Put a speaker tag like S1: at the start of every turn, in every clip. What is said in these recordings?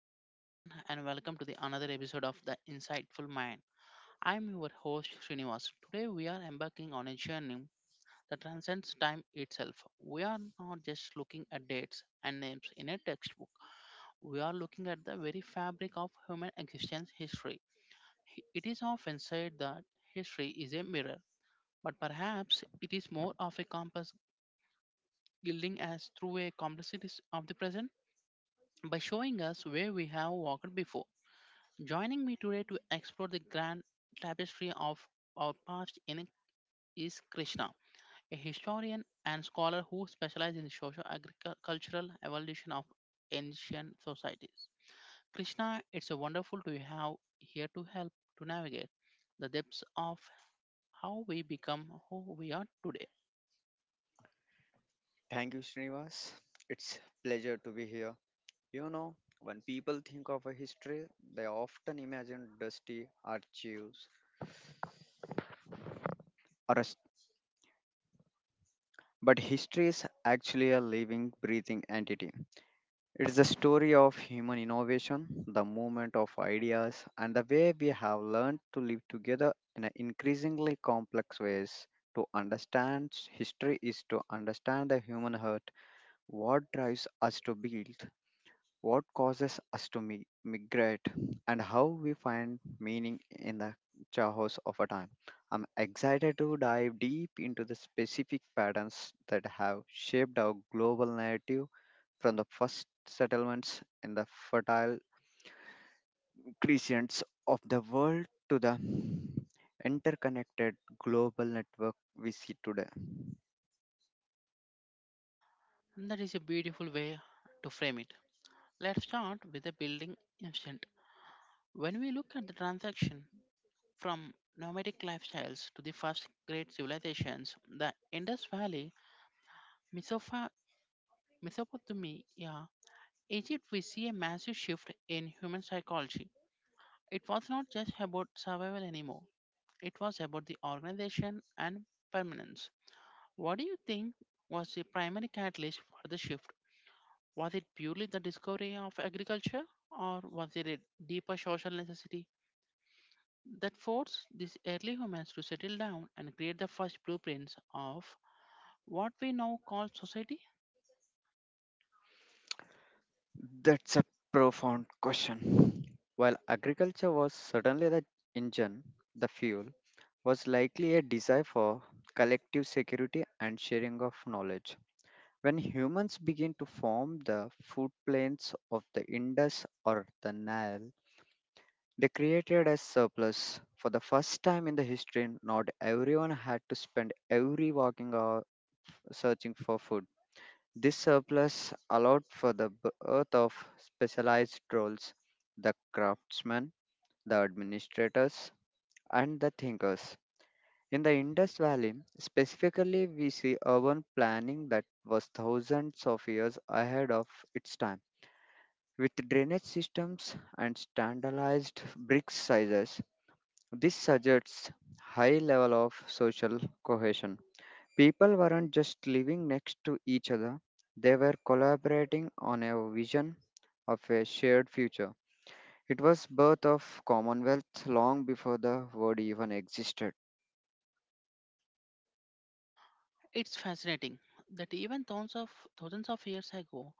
S1: evening, everyone, and welcome to the another episode of the Insightful Mind. I'm your host Srinivas. Today we are embarking on a journey that transcends time itself. We are not just looking at dates and names in a textbook. We are looking at the very fabric of human existence history. It is often said that history is a mirror, but perhaps it is more of a compass guiding us through a complexities of the present by showing us where we have walked before. Joining me today to explore the grand tapestry of our past in is Krishna, a historian and scholar who specializes in the social agricultural evolution of ancient societies. Krishna, it's wonderful to have here to help to navigate the depths of how we become who we are today.
S2: Thank you, Srinivas. It's pleasure to be here. You know, when people think of a history, they often imagine dusty archives. Or a s- but history is actually a living, breathing entity. It's the story of human innovation, the movement of ideas, and the way we have learned to live together in an increasingly complex ways. To understand history is to understand the human heart, what drives us to build, what causes us to migrate, and how we find meaning in the chaos of a time. I'm excited to dive deep into the specific patterns that have shaped our global narrative from the first settlements in the fertile crescents of the world to the interconnected global network we see today.
S1: And that is a beautiful way to frame it. Let's start with the building instant. When we look at the transaction from nomadic lifestyles to the first great civilizations, the Indus Valley, Mesopha- Mesopotamia, Egypt, we see a massive shift in human psychology. It was not just about survival anymore, it was about the organization and permanence. What do you think was the primary catalyst for the shift? Was it purely the discovery of agriculture, or was it a deeper social necessity that forced these early humans to settle down and create the first blueprints of what we now call society?
S2: That's a profound question. While agriculture was certainly the engine, the fuel, was likely a desire for collective security and sharing of knowledge. When humans begin to form the food plains of the Indus or the Nile, they created a surplus. For the first time in the history, not everyone had to spend every working hour searching for food. This surplus allowed for the birth of specialized roles, the craftsmen, the administrators, and the thinkers. In the Indus Valley, specifically, we see urban planning that was thousands of years ahead of its time. With drainage systems and standardized brick sizes, this suggests high level of social cohesion. People weren't just living next to each other, they were collaborating on a vision of a shared future. It was birth of commonwealth long before the word even existed.
S1: It's fascinating that even thousands of years ago,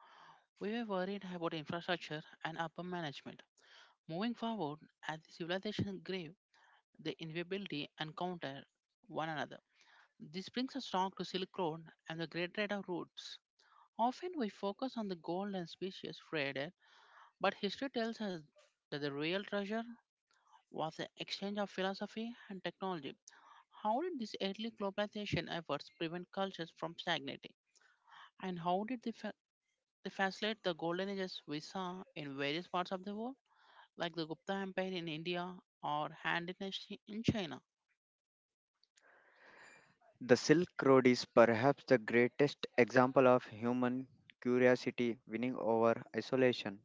S1: we were worried about infrastructure and upper management. Moving forward, as the civilizations grave, their inevitability encounter one another. This brings us back to Silk Road and the Great Trade of Routes. Often we focus on the gold and species traded, but history tells us that the real treasure was the exchange of philosophy and technology. How did these early globalization efforts prevent cultures from stagnating? And how did they facilitate the golden ages we saw in various parts of the world, like the Gupta Empire in India or Han Dynasty in China?
S2: The Silk Road is perhaps the greatest example of human curiosity winning over isolation.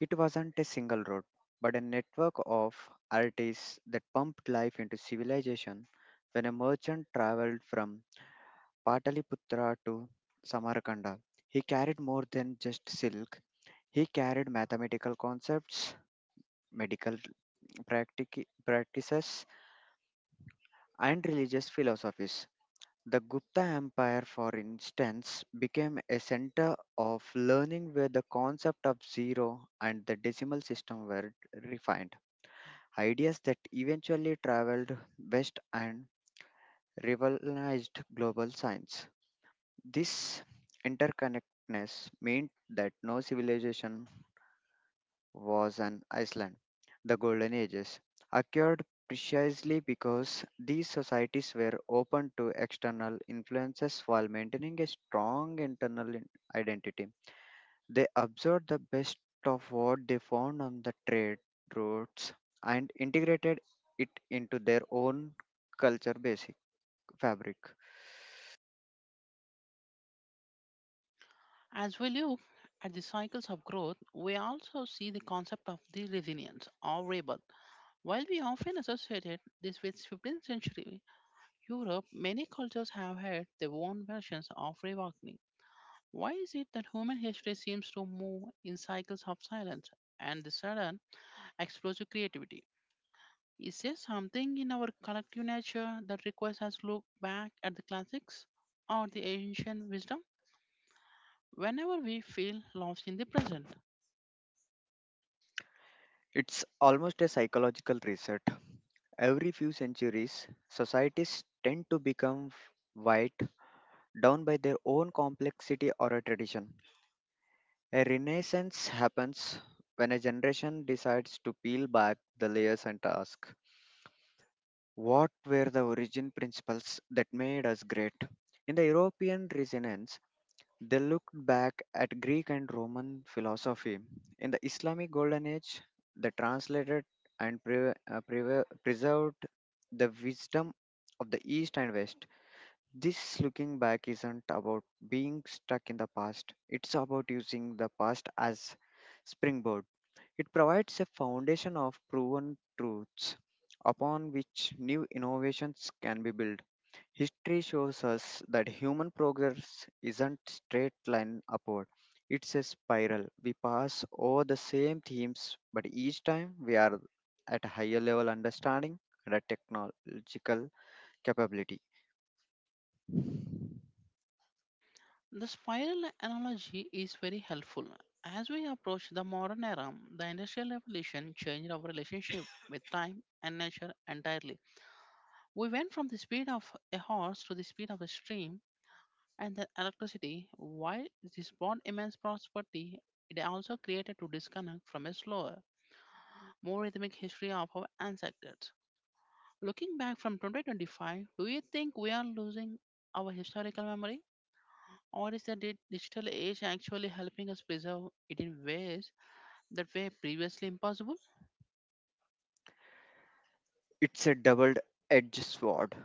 S2: It wasn't a single road, but a network of artists that pumped life into civilization. When a merchant traveled from Pataliputra to Samarkanda, he carried more than just silk. He carried mathematical concepts, medical practices, and religious philosophies. The Gupta Empire, for instance, became a center of learning where the concept of zero and the decimal system were refined, ideas that eventually traveled west and revolutionized global science. This interconnectedness meant that no civilization was an Iceland. The Golden Ages occurred precisely because these societies were open to external influences while maintaining a strong internal identity. They absorbed the best of what they found on the trade routes and integrated it into their own culture basic fabric.
S1: As we look at the cycles of growth, we also see the concept of the resilience or rebirth. While we often associated this with 15th century Europe, many cultures have had their own versions of reawakening. Why is it that human history seems to move in cycles of silence and the sudden explosive creativity? Is there something in our collective nature that requires us to look back at the classics or the ancient wisdom whenever we feel lost in the present?
S2: It's almost a psychological reset. Every few centuries, societies tend to become white down by their own complexity or a tradition. A renaissance happens when a generation decides to peel back the layers and ask, what were the origin principles that made us great? In the European Renaissance, they looked back at Greek and Roman philosophy. In the Islamic Golden Age, they translated and preserved the wisdom of the East and West. This looking back isn't about being stuck in the past, it's about using the past as springboard. It provides a foundation of proven truths upon which new innovations can be built. History shows us that human progress isn't straight line upward. It's a spiral. We pass over the same themes, but each time we are at a higher level understanding and a technological capability.
S1: The spiral analogy is very helpful. As we approach the modern era, the Industrial Revolution changed our relationship with time and nature entirely. We went from the speed of a horse to the speed of a stream and then electricity. While this brought immense prosperity, it also created to disconnect from a slower more rhythmic history of our ancestors. Looking back from 2025, do you think we are losing our historical memory? Or is the digital age actually helping us preserve it in ways that were previously impossible?
S2: It's a double-edged sword.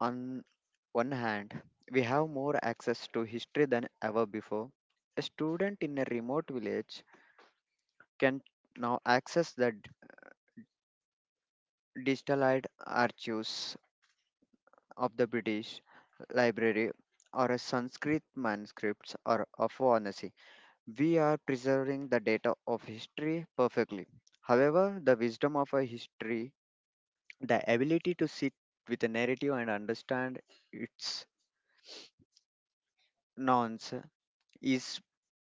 S2: On one hand, we have more access to history than ever before. A student in a remote village can now access the digitalized archives of the British Library or a Sanskrit manuscripts or of Varanasi. We are preserving the data of history perfectly. However, the wisdom of a history, the ability to sit with a narrative and understand its norms is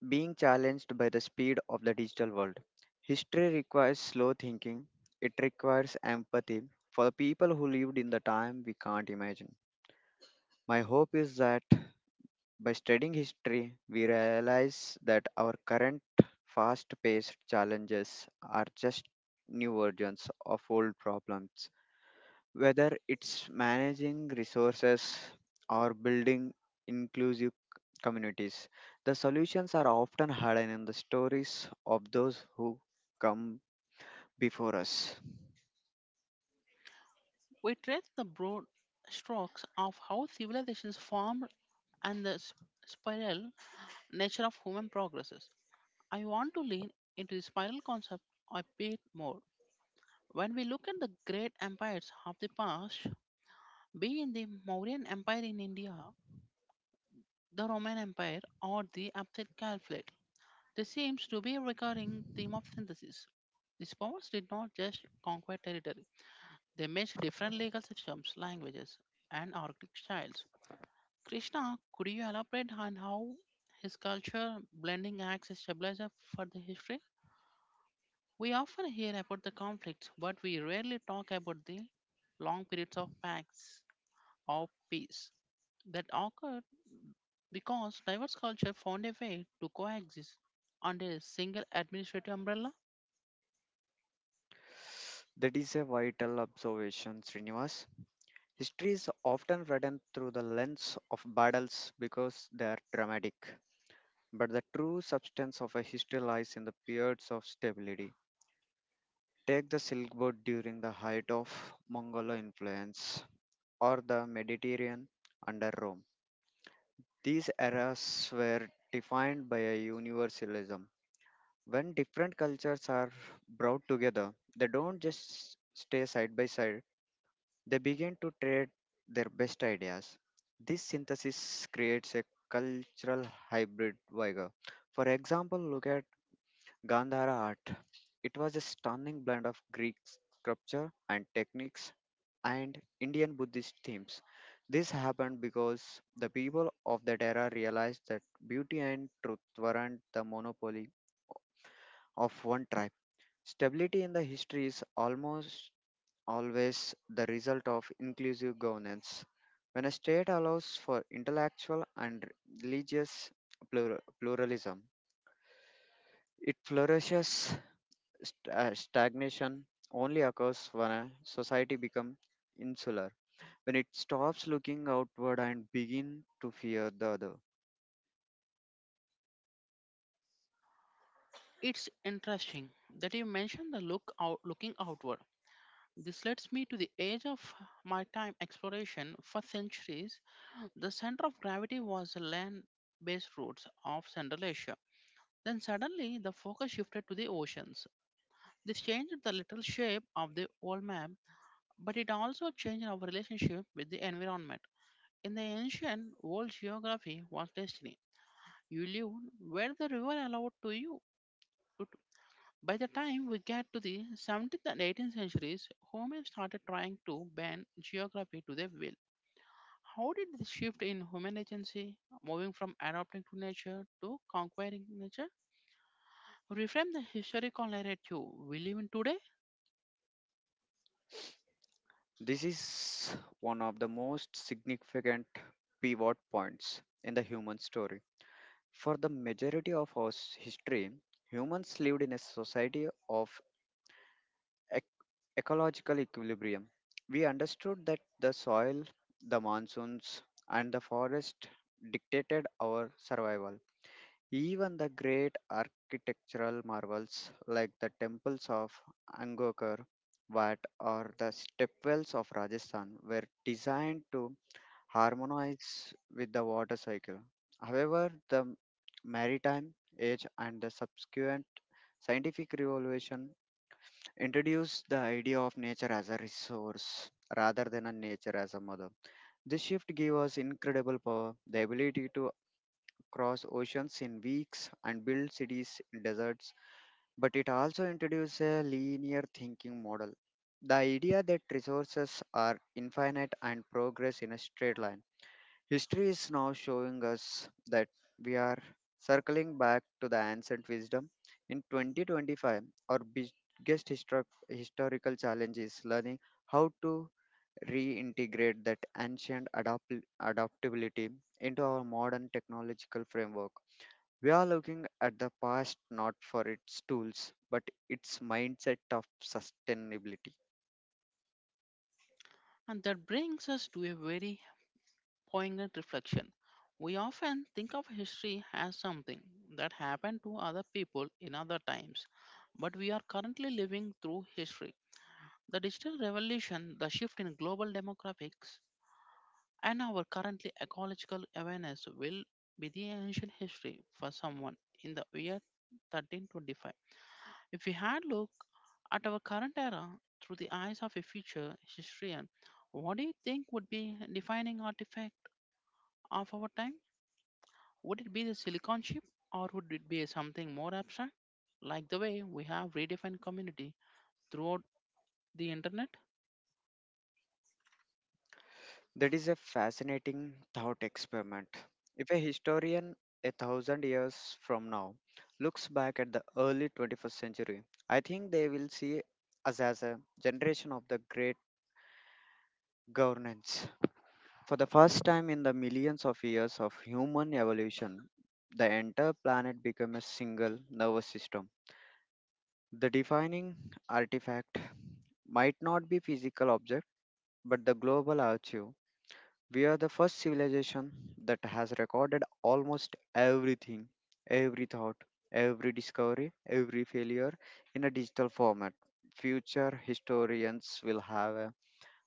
S2: being challenged by the speed of the digital world. History requires slow thinking, it requires empathy for the people who lived in the time we can't imagine. My hope is that by studying history, we realize that our current fast paced challenges are just new versions of old problems, whether it's managing resources or building inclusive communities. The solutions are often hidden in the stories of those who come before us.
S1: We trace the broad strokes of how civilizations formed and the spiral nature of human progresses. I want to lean into the spiral concept a bit more. When we look at the great empires of the past, Be in the Mauryan Empire in India, the Roman Empire, or the Abbasid Caliphate, this seems to be a recurring theme of synthesis. These powers did not just conquer territory, they mixed different legal systems, languages, and artistic styles. Krishna, could you elaborate on how his culture blending acts as stabilizer for the history? We often hear about the conflicts, but we rarely talk about the long periods of pacts of peace that occurred because diverse culture found a way to coexist under a single administrative umbrella.
S2: That is a vital observation, Srinivas. History is often written through the lens of battles because they are dramatic. But the true substance of a history lies in the periods of stability. Take the Silk Road during the height of Mongol influence or the Mediterranean under Rome. These eras were defined by a universalism. When different cultures are brought together, they don't just stay side by side, they begin to trade their best ideas. This synthesis creates a cultural hybrid vigor. For example, look at Gandhara art. It was a stunning blend of Greek sculpture and techniques and Indian Buddhist themes. This happened because the people of that era realized that beauty and truth weren't the monopoly of one tribe. Stability in the history is almost always the result of inclusive governance. When a state allows for intellectual and religious pluralism, it flourishes. Stagnation only occurs when a society becomes insular, when it stops looking outward and begin to fear the other.
S1: It's interesting that you mentioned the look out, looking outward. This leads me to the age of maritime exploration. For centuries, the center of gravity was the land-based routes of Central Asia. Then suddenly, the focus shifted to the oceans. This changed the literal shape of the world map, but it also changed our relationship with the environment. In the ancient world, geography was destiny. You lived where the river allowed to you. But by the time we get to the 17th and 18th centuries, humans started trying to bend geography to their will. How did this shift in human agency, moving from adapting to nature to conquering nature, reframe the historical narrative we live in today?
S2: This is one of the most significant pivot points in the human story. For the majority of our history, humans lived in a society of ec- ecological equilibrium. We understood that the soil, the monsoons, and the forest dictated our survival. Even the great architectural marvels like the temples of Angkor Wat or the stepwells of Rajasthan were designed to harmonize with the water cycle. However, the maritime age and the subsequent scientific revolution introduced the idea of nature as a resource rather than a nature as a mother. This shift gave us incredible power, the ability to cross oceans in weeks, and build cities in deserts, but it also introduced a linear thinking model. The idea that resources are infinite and progress in a straight line. History is now showing us that we are circling back to the ancient wisdom. In 2025, our biggest historical challenge is learning how to reintegrate that ancient adaptability into our modern technological framework. We are looking at the past not for its tools, but its mindset of sustainability.
S1: And that brings us to a very poignant reflection. We often think of history as something that happened to other people in other times, but we are currently living through history. The digital revolution, the shift in global demographics, and our currently ecological awareness will be the ancient history for someone in the year 1325. If we had looked at our current era through the eyes of a future historian, what do you think would be defining artifact of our time? Would it be the silicon chip, or would it be something more abstract, like the way we have redefined community throughout the internet?
S2: That is a fascinating thought experiment. If a historian a thousand years from now looks back at the early 21st century, I think they will see us as a generation of the great governance. For the first time in the millions of years of human evolution, the entire planet became a single nervous system. The defining artifact might not be physical object but the global archive. We are the first civilization that has recorded almost everything, every thought, every discovery, every failure in a digital format. Future historians will have a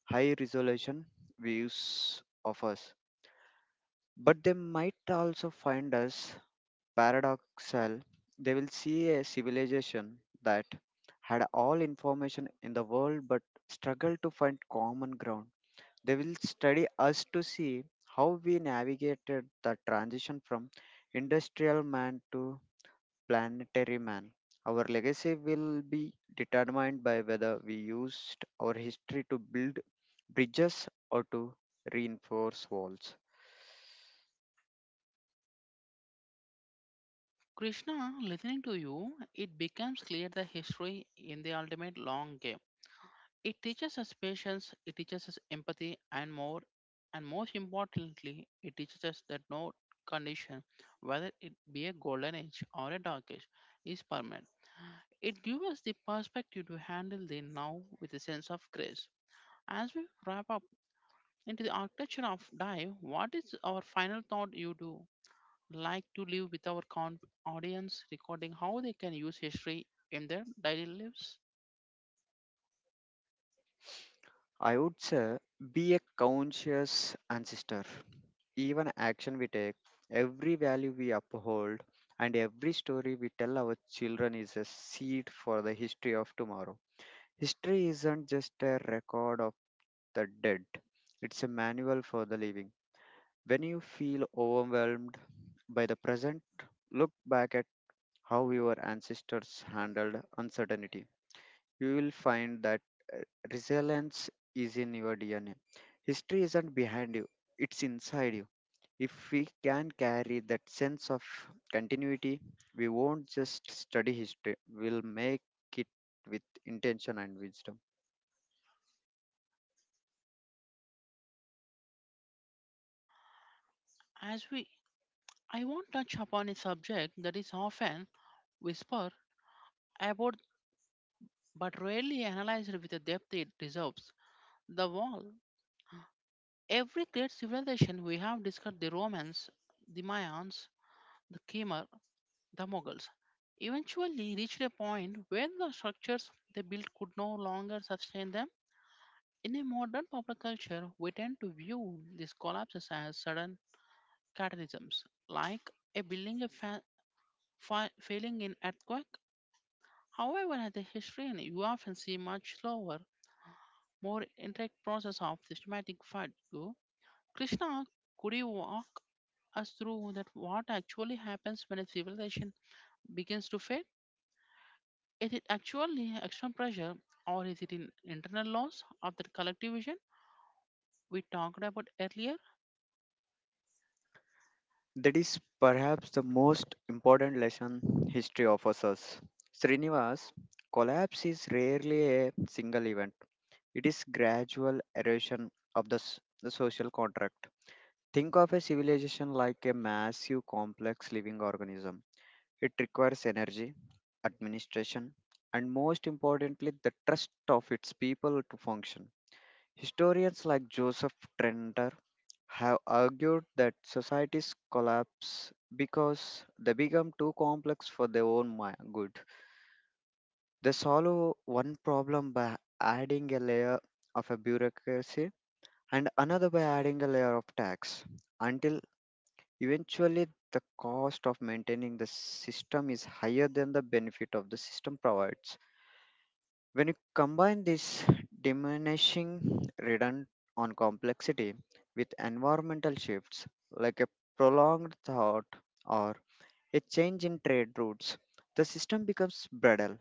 S2: high resolution views of us, but they might also find us paradoxal, they will see a civilization that had all information in the world but struggled to find common ground. They will study us to see how we navigated the transition from industrial man to planetary man. Our legacy will be determined by whether we used our history to build bridges or to reinforce walls.
S1: Krishna, listening to you, it becomes clear the history in the ultimate long game. It teaches us patience, it teaches us empathy, and more, and most importantly, it teaches us that no condition, whether it be a golden age or a dark age, is permanent. It gives us the perspective to handle the now with a sense of grace. As we wrap up into the architecture of dive, what is our final thought you do like to live with our audience, recording how they can use history in their daily lives?
S2: I would say be a conscious ancestor. Even action we take, every value we uphold, and every story we tell our children is a seed for the history of tomorrow. History isn't just a record of the dead, it's a manual for the living. When you feel overwhelmed by the present, look back at how your ancestors handled uncertainty. You will find that resilience is in your DNA. History isn't behind you, it's inside you. If we can carry that sense of continuity, we won't just study history, we'll make it with intention and wisdom.
S1: As we, I won't touch upon a subject that is often whispered about but rarely analyzed with the depth it deserves the wall. Every great civilization we have discussed the Romans, the Mayans, the Khmer, the Mughals eventually reached a point where the structures they built could no longer sustain them. In a modern popular culture, we tend to view these collapses as sudden cataclysms, like a building a failing in earthquake. However, as a historian, you often see much slower, more intricate process of systematic fatigue. Krishna, could you walk us through that what actually happens when a civilization begins to fail? Is it actually external pressure, or is it an internal loss of the collective vision we talked about earlier?
S2: That is perhaps the most important lesson history offers us. Srinivas, collapse is rarely a single event, it is gradual erosion of the, the social contract. Think of a civilization like a massive, complex living organism. It requires energy, administration, and most importantly, the trust of its people to function. Historians like Joseph Trenter have argued that societies collapse because they become too complex for their own good. They solve one problem by adding a layer of a bureaucracy and another by adding a layer of tax until eventually, the cost of maintaining the system is higher than the benefit of the system provides. When you combine this diminishing return on complexity with environmental shifts like a prolonged drought or a change in trade routes, the system becomes brittle.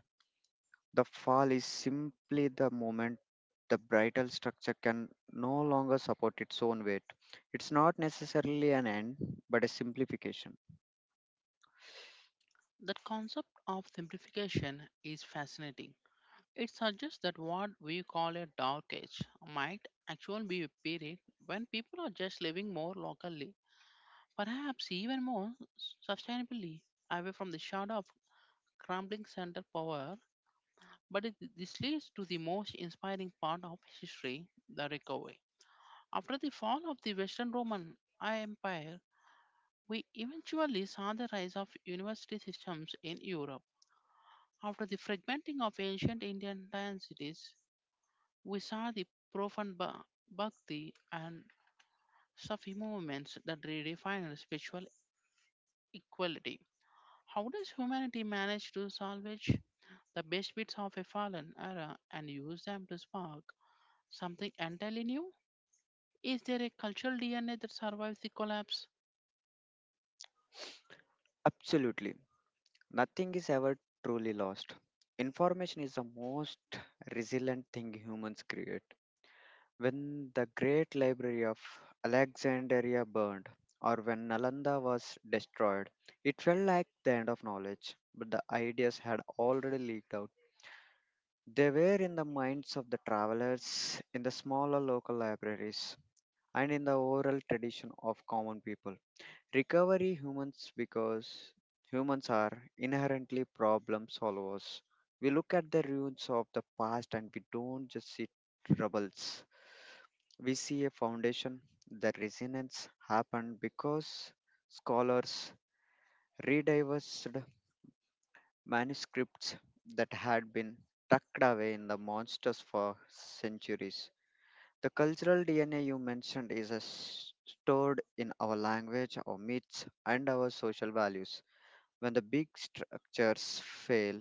S2: The fall is simply the moment the brittle structure can no longer support its own weight. It's not necessarily an end, but a simplification.
S1: The concept of simplification is fascinating. It suggests that what we call a dark age might actually be a period when people are just living more locally, perhaps even more sustainably, away from the shadow of crumbling center power. But this leads to the most inspiring part of history, the recovery. After the fall of the Western Roman Empire, we eventually saw the rise of university systems in Europe. After the fragmenting of ancient Indian land cities, we saw the profound bhakti and Sufi movements that redefined spiritual equality. How does humanity manage to salvage the best bits of a fallen era and use them to spark something entirely new? Is there a cultural DNA that survives the collapse?
S2: Absolutely. Nothing is ever truly lost. Information is the most resilient thing humans create. When the great library of Alexandria burned, or when Nalanda was destroyed, it felt like the end of knowledge, but the ideas had already leaked out. They were in the minds of the travelers, in the smaller local libraries, and in the oral tradition of common people recovery humans because humans are inherently problem solvers. We look at the ruins of the past and we don't just see troubles. We see a foundation. The resonance happened because scholars rediscovered manuscripts that had been tucked away in the monsters for centuries. The cultural DNA you mentioned is stored in our language, our myths, and our social values. When the big structures fail,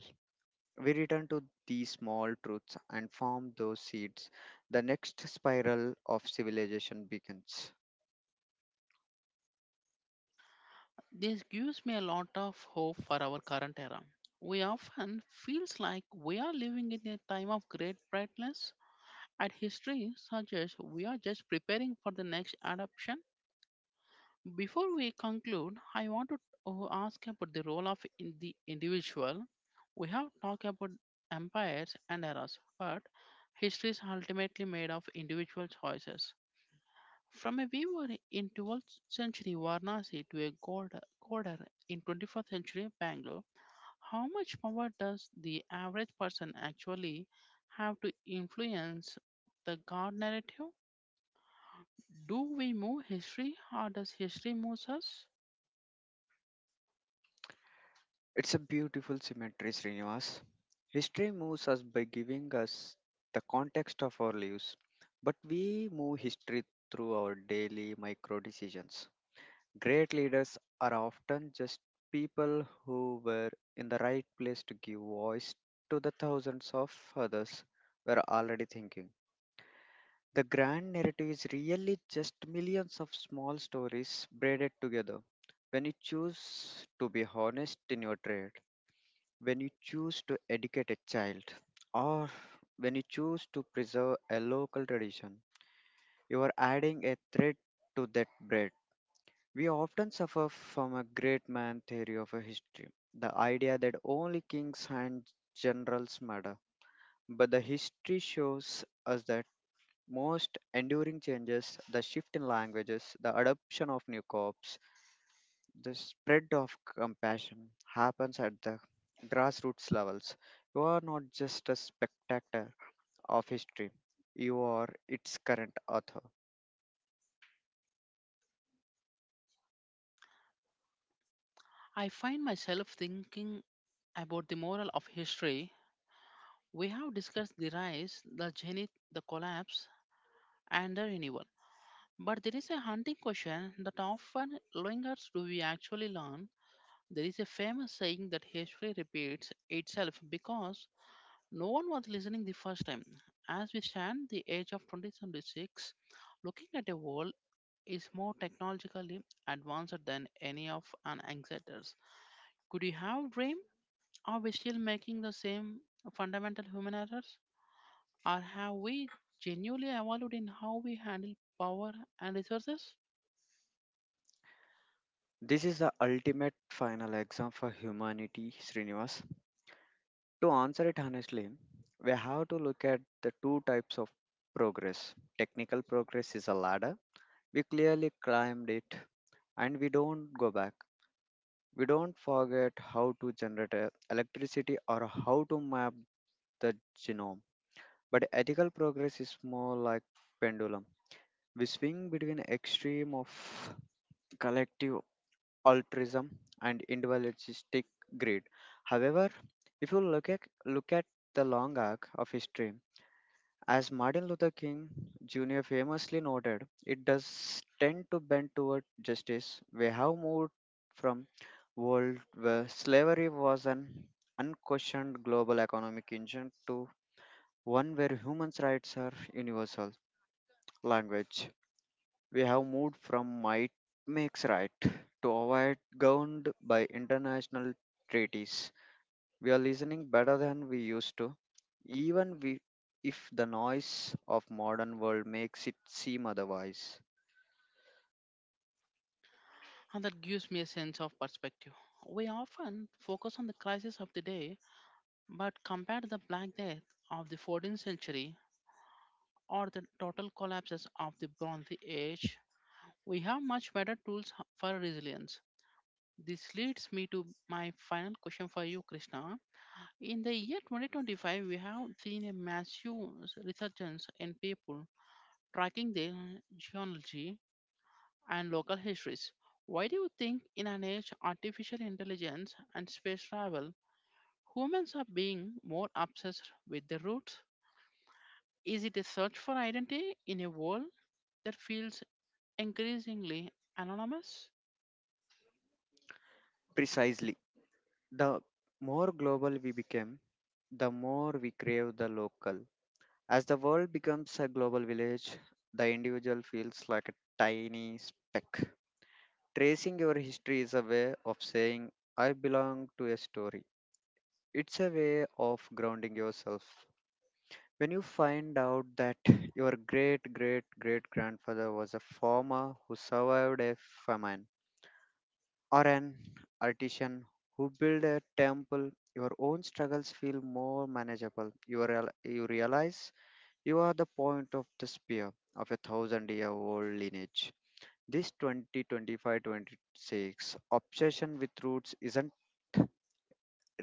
S2: we return to these small truths and form those seeds. The next spiral of civilization begins.
S1: This gives me a lot of hope for our current era. We often feels like we are living in a time of great brightness, and history suggests we are just preparing for the next adoption. Before we conclude, I want to ask about the role of in the individual. We have talked about empires and eras, but history is ultimately made of individual choices. From a weaver in 12th century Varanasi to a coder in 21st century Bangalore, how much power does the average person actually have to influence the god narrative? Do we move history or does history move us?
S2: It's a beautiful symmetry, Srinivas. History moves us by giving us the context of our lives, but we move history through our daily micro decisions. Great leaders are often just people who were in the right place to give voice to the thousands of others were already thinking. The grand narrative is really just millions of small stories braided together. When you choose to be honest in your trade, when you choose to educate a child, or when you choose to preserve a local tradition, you are adding a thread to that braid. We often suffer from a great man theory of a history, the idea that only kings and generals matter. But the history shows us that most enduring changes, the shift in languages, the adoption of new crops, the spread of compassion happens at the grassroots levels. You are not just a spectator of history, you are its current author.
S1: I find myself thinking about the moral of history. We have discussed the rise, the zenith, the collapse, and the renewal. But there is a haunting question that often lingers, do we actually learn? There is a famous saying that history repeats itself because no one was listening the first time. As we stand the age of 2076, looking at a world is more technologically advanced than any of our ancestors. Could you have dreamed? Are we still making the same fundamental human errors? Or have we genuinely evolved in how we handle power and resources?
S2: This is the ultimate final exam for humanity, Srinivas. To answer it honestly, we have to look at the two types of progress. Technical progress is a ladder. We clearly climbed it and we don't go back. We don't forget how to generate electricity or how to map the genome. But ethical progress is more like pendulum. We swing between extreme of collective altruism and individualistic greed. However, if you look at the long arc of history, as Martin Luther King Jr. famously noted, it does tend to bend toward justice. We have moved from world where slavery was an unquestioned global economic engine to one where human rights are universal language. We have moved from might makes right to avoid governed by international treaties we are listening better than we used to, even we, if the noise of modern world makes it seem otherwise.
S1: And that gives me a sense of perspective. We often focus on the crisis of the day, but compare the Black Death of the 14th century or the total collapses of the Bronze Age, we have much better tools for resilience. This leads me to my final question for you, Krishna. In the year 2025, we have seen a massive resurgence in people tracking their genealogy and local histories. Why do you think, in an age of artificial intelligence and space travel, humans are being more obsessed with their roots? Is it a search for identity in a world that feels increasingly anonymous?
S2: Precisely. The more global we became, the more we crave the local. As the world becomes a global village, the individual feels like a tiny speck. Tracing your history is a way of saying, I belong to a story. It's a way of grounding yourself. When you find out that your great great great grandfather was a farmer who survived a famine or an artisan who built a temple, your own struggles feel more manageable. You realize you are the point of the spear of a thousand year old lineage. This 2025 26 obsession with roots isn't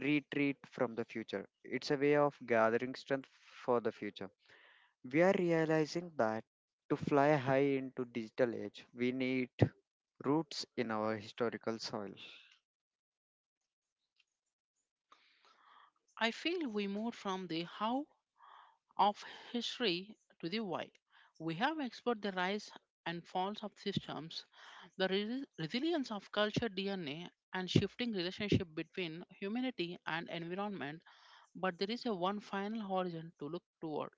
S2: retreat from the future, it's a way of gathering strength for the future. We are realizing that to fly high into digital age, we need roots in our historical soil.
S1: I feel we moved from the how of history to the why. We have explored the rise and falls of systems, the resilience of culture DNA, and shifting relationship between humanity and environment, but there is a one final horizon to look toward.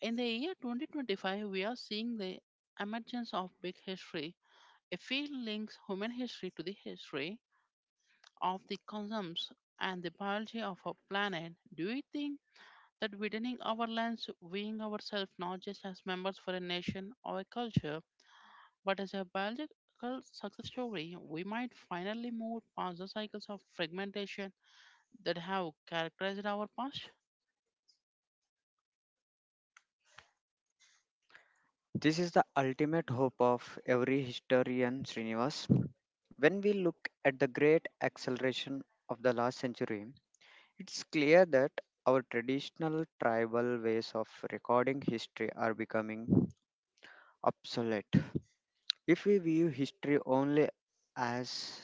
S1: In the year 2025, we are seeing the emergence of big history, a field links human history to the history of the consumes and the biology of our planet. Do you think that widening our lens, viewing ourselves not just as members for a nation or a culture, but as a biological success story, we might finally move past the cycles of fragmentation that have characterized our past?
S2: This is the ultimate hope of every historian, Srinivas. When we look at the great acceleration of the last century, it's clear that our traditional tribal ways of recording history are becoming obsolete. If we view history only as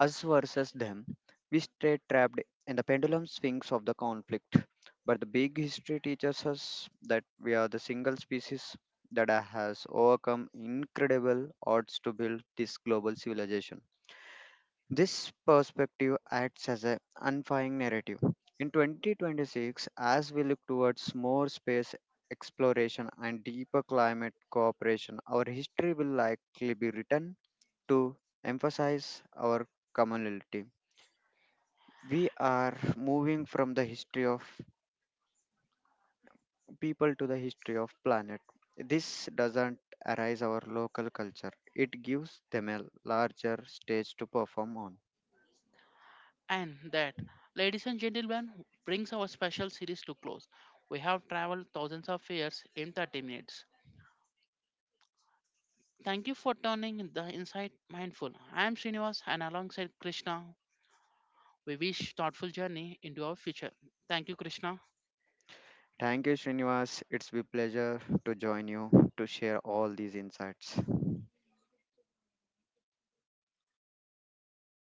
S2: us versus them, we stay trapped in the pendulum swings of the conflict. But the big history teaches us that we are the single species that has overcome incredible odds to build this global civilization. This perspective acts as an unifying narrative. In 2026, as we look towards more space exploration and deeper climate cooperation, our history will likely be written to emphasize our commonality. We are moving from the history of people to the history of planet. This doesn't arise our local culture. It gives them a larger stage to perform on.
S1: And that, ladies and gentlemen, brings our special series to close. We have traveled thousands of years in 30 minutes. Thank you for turning the insight mindful. I am Srinivas and alongside Krishna, we wish thoughtful journey into our future. Thank you, Krishna.
S2: Thank you, Srinivas. It's been a pleasure to join you to share all these insights.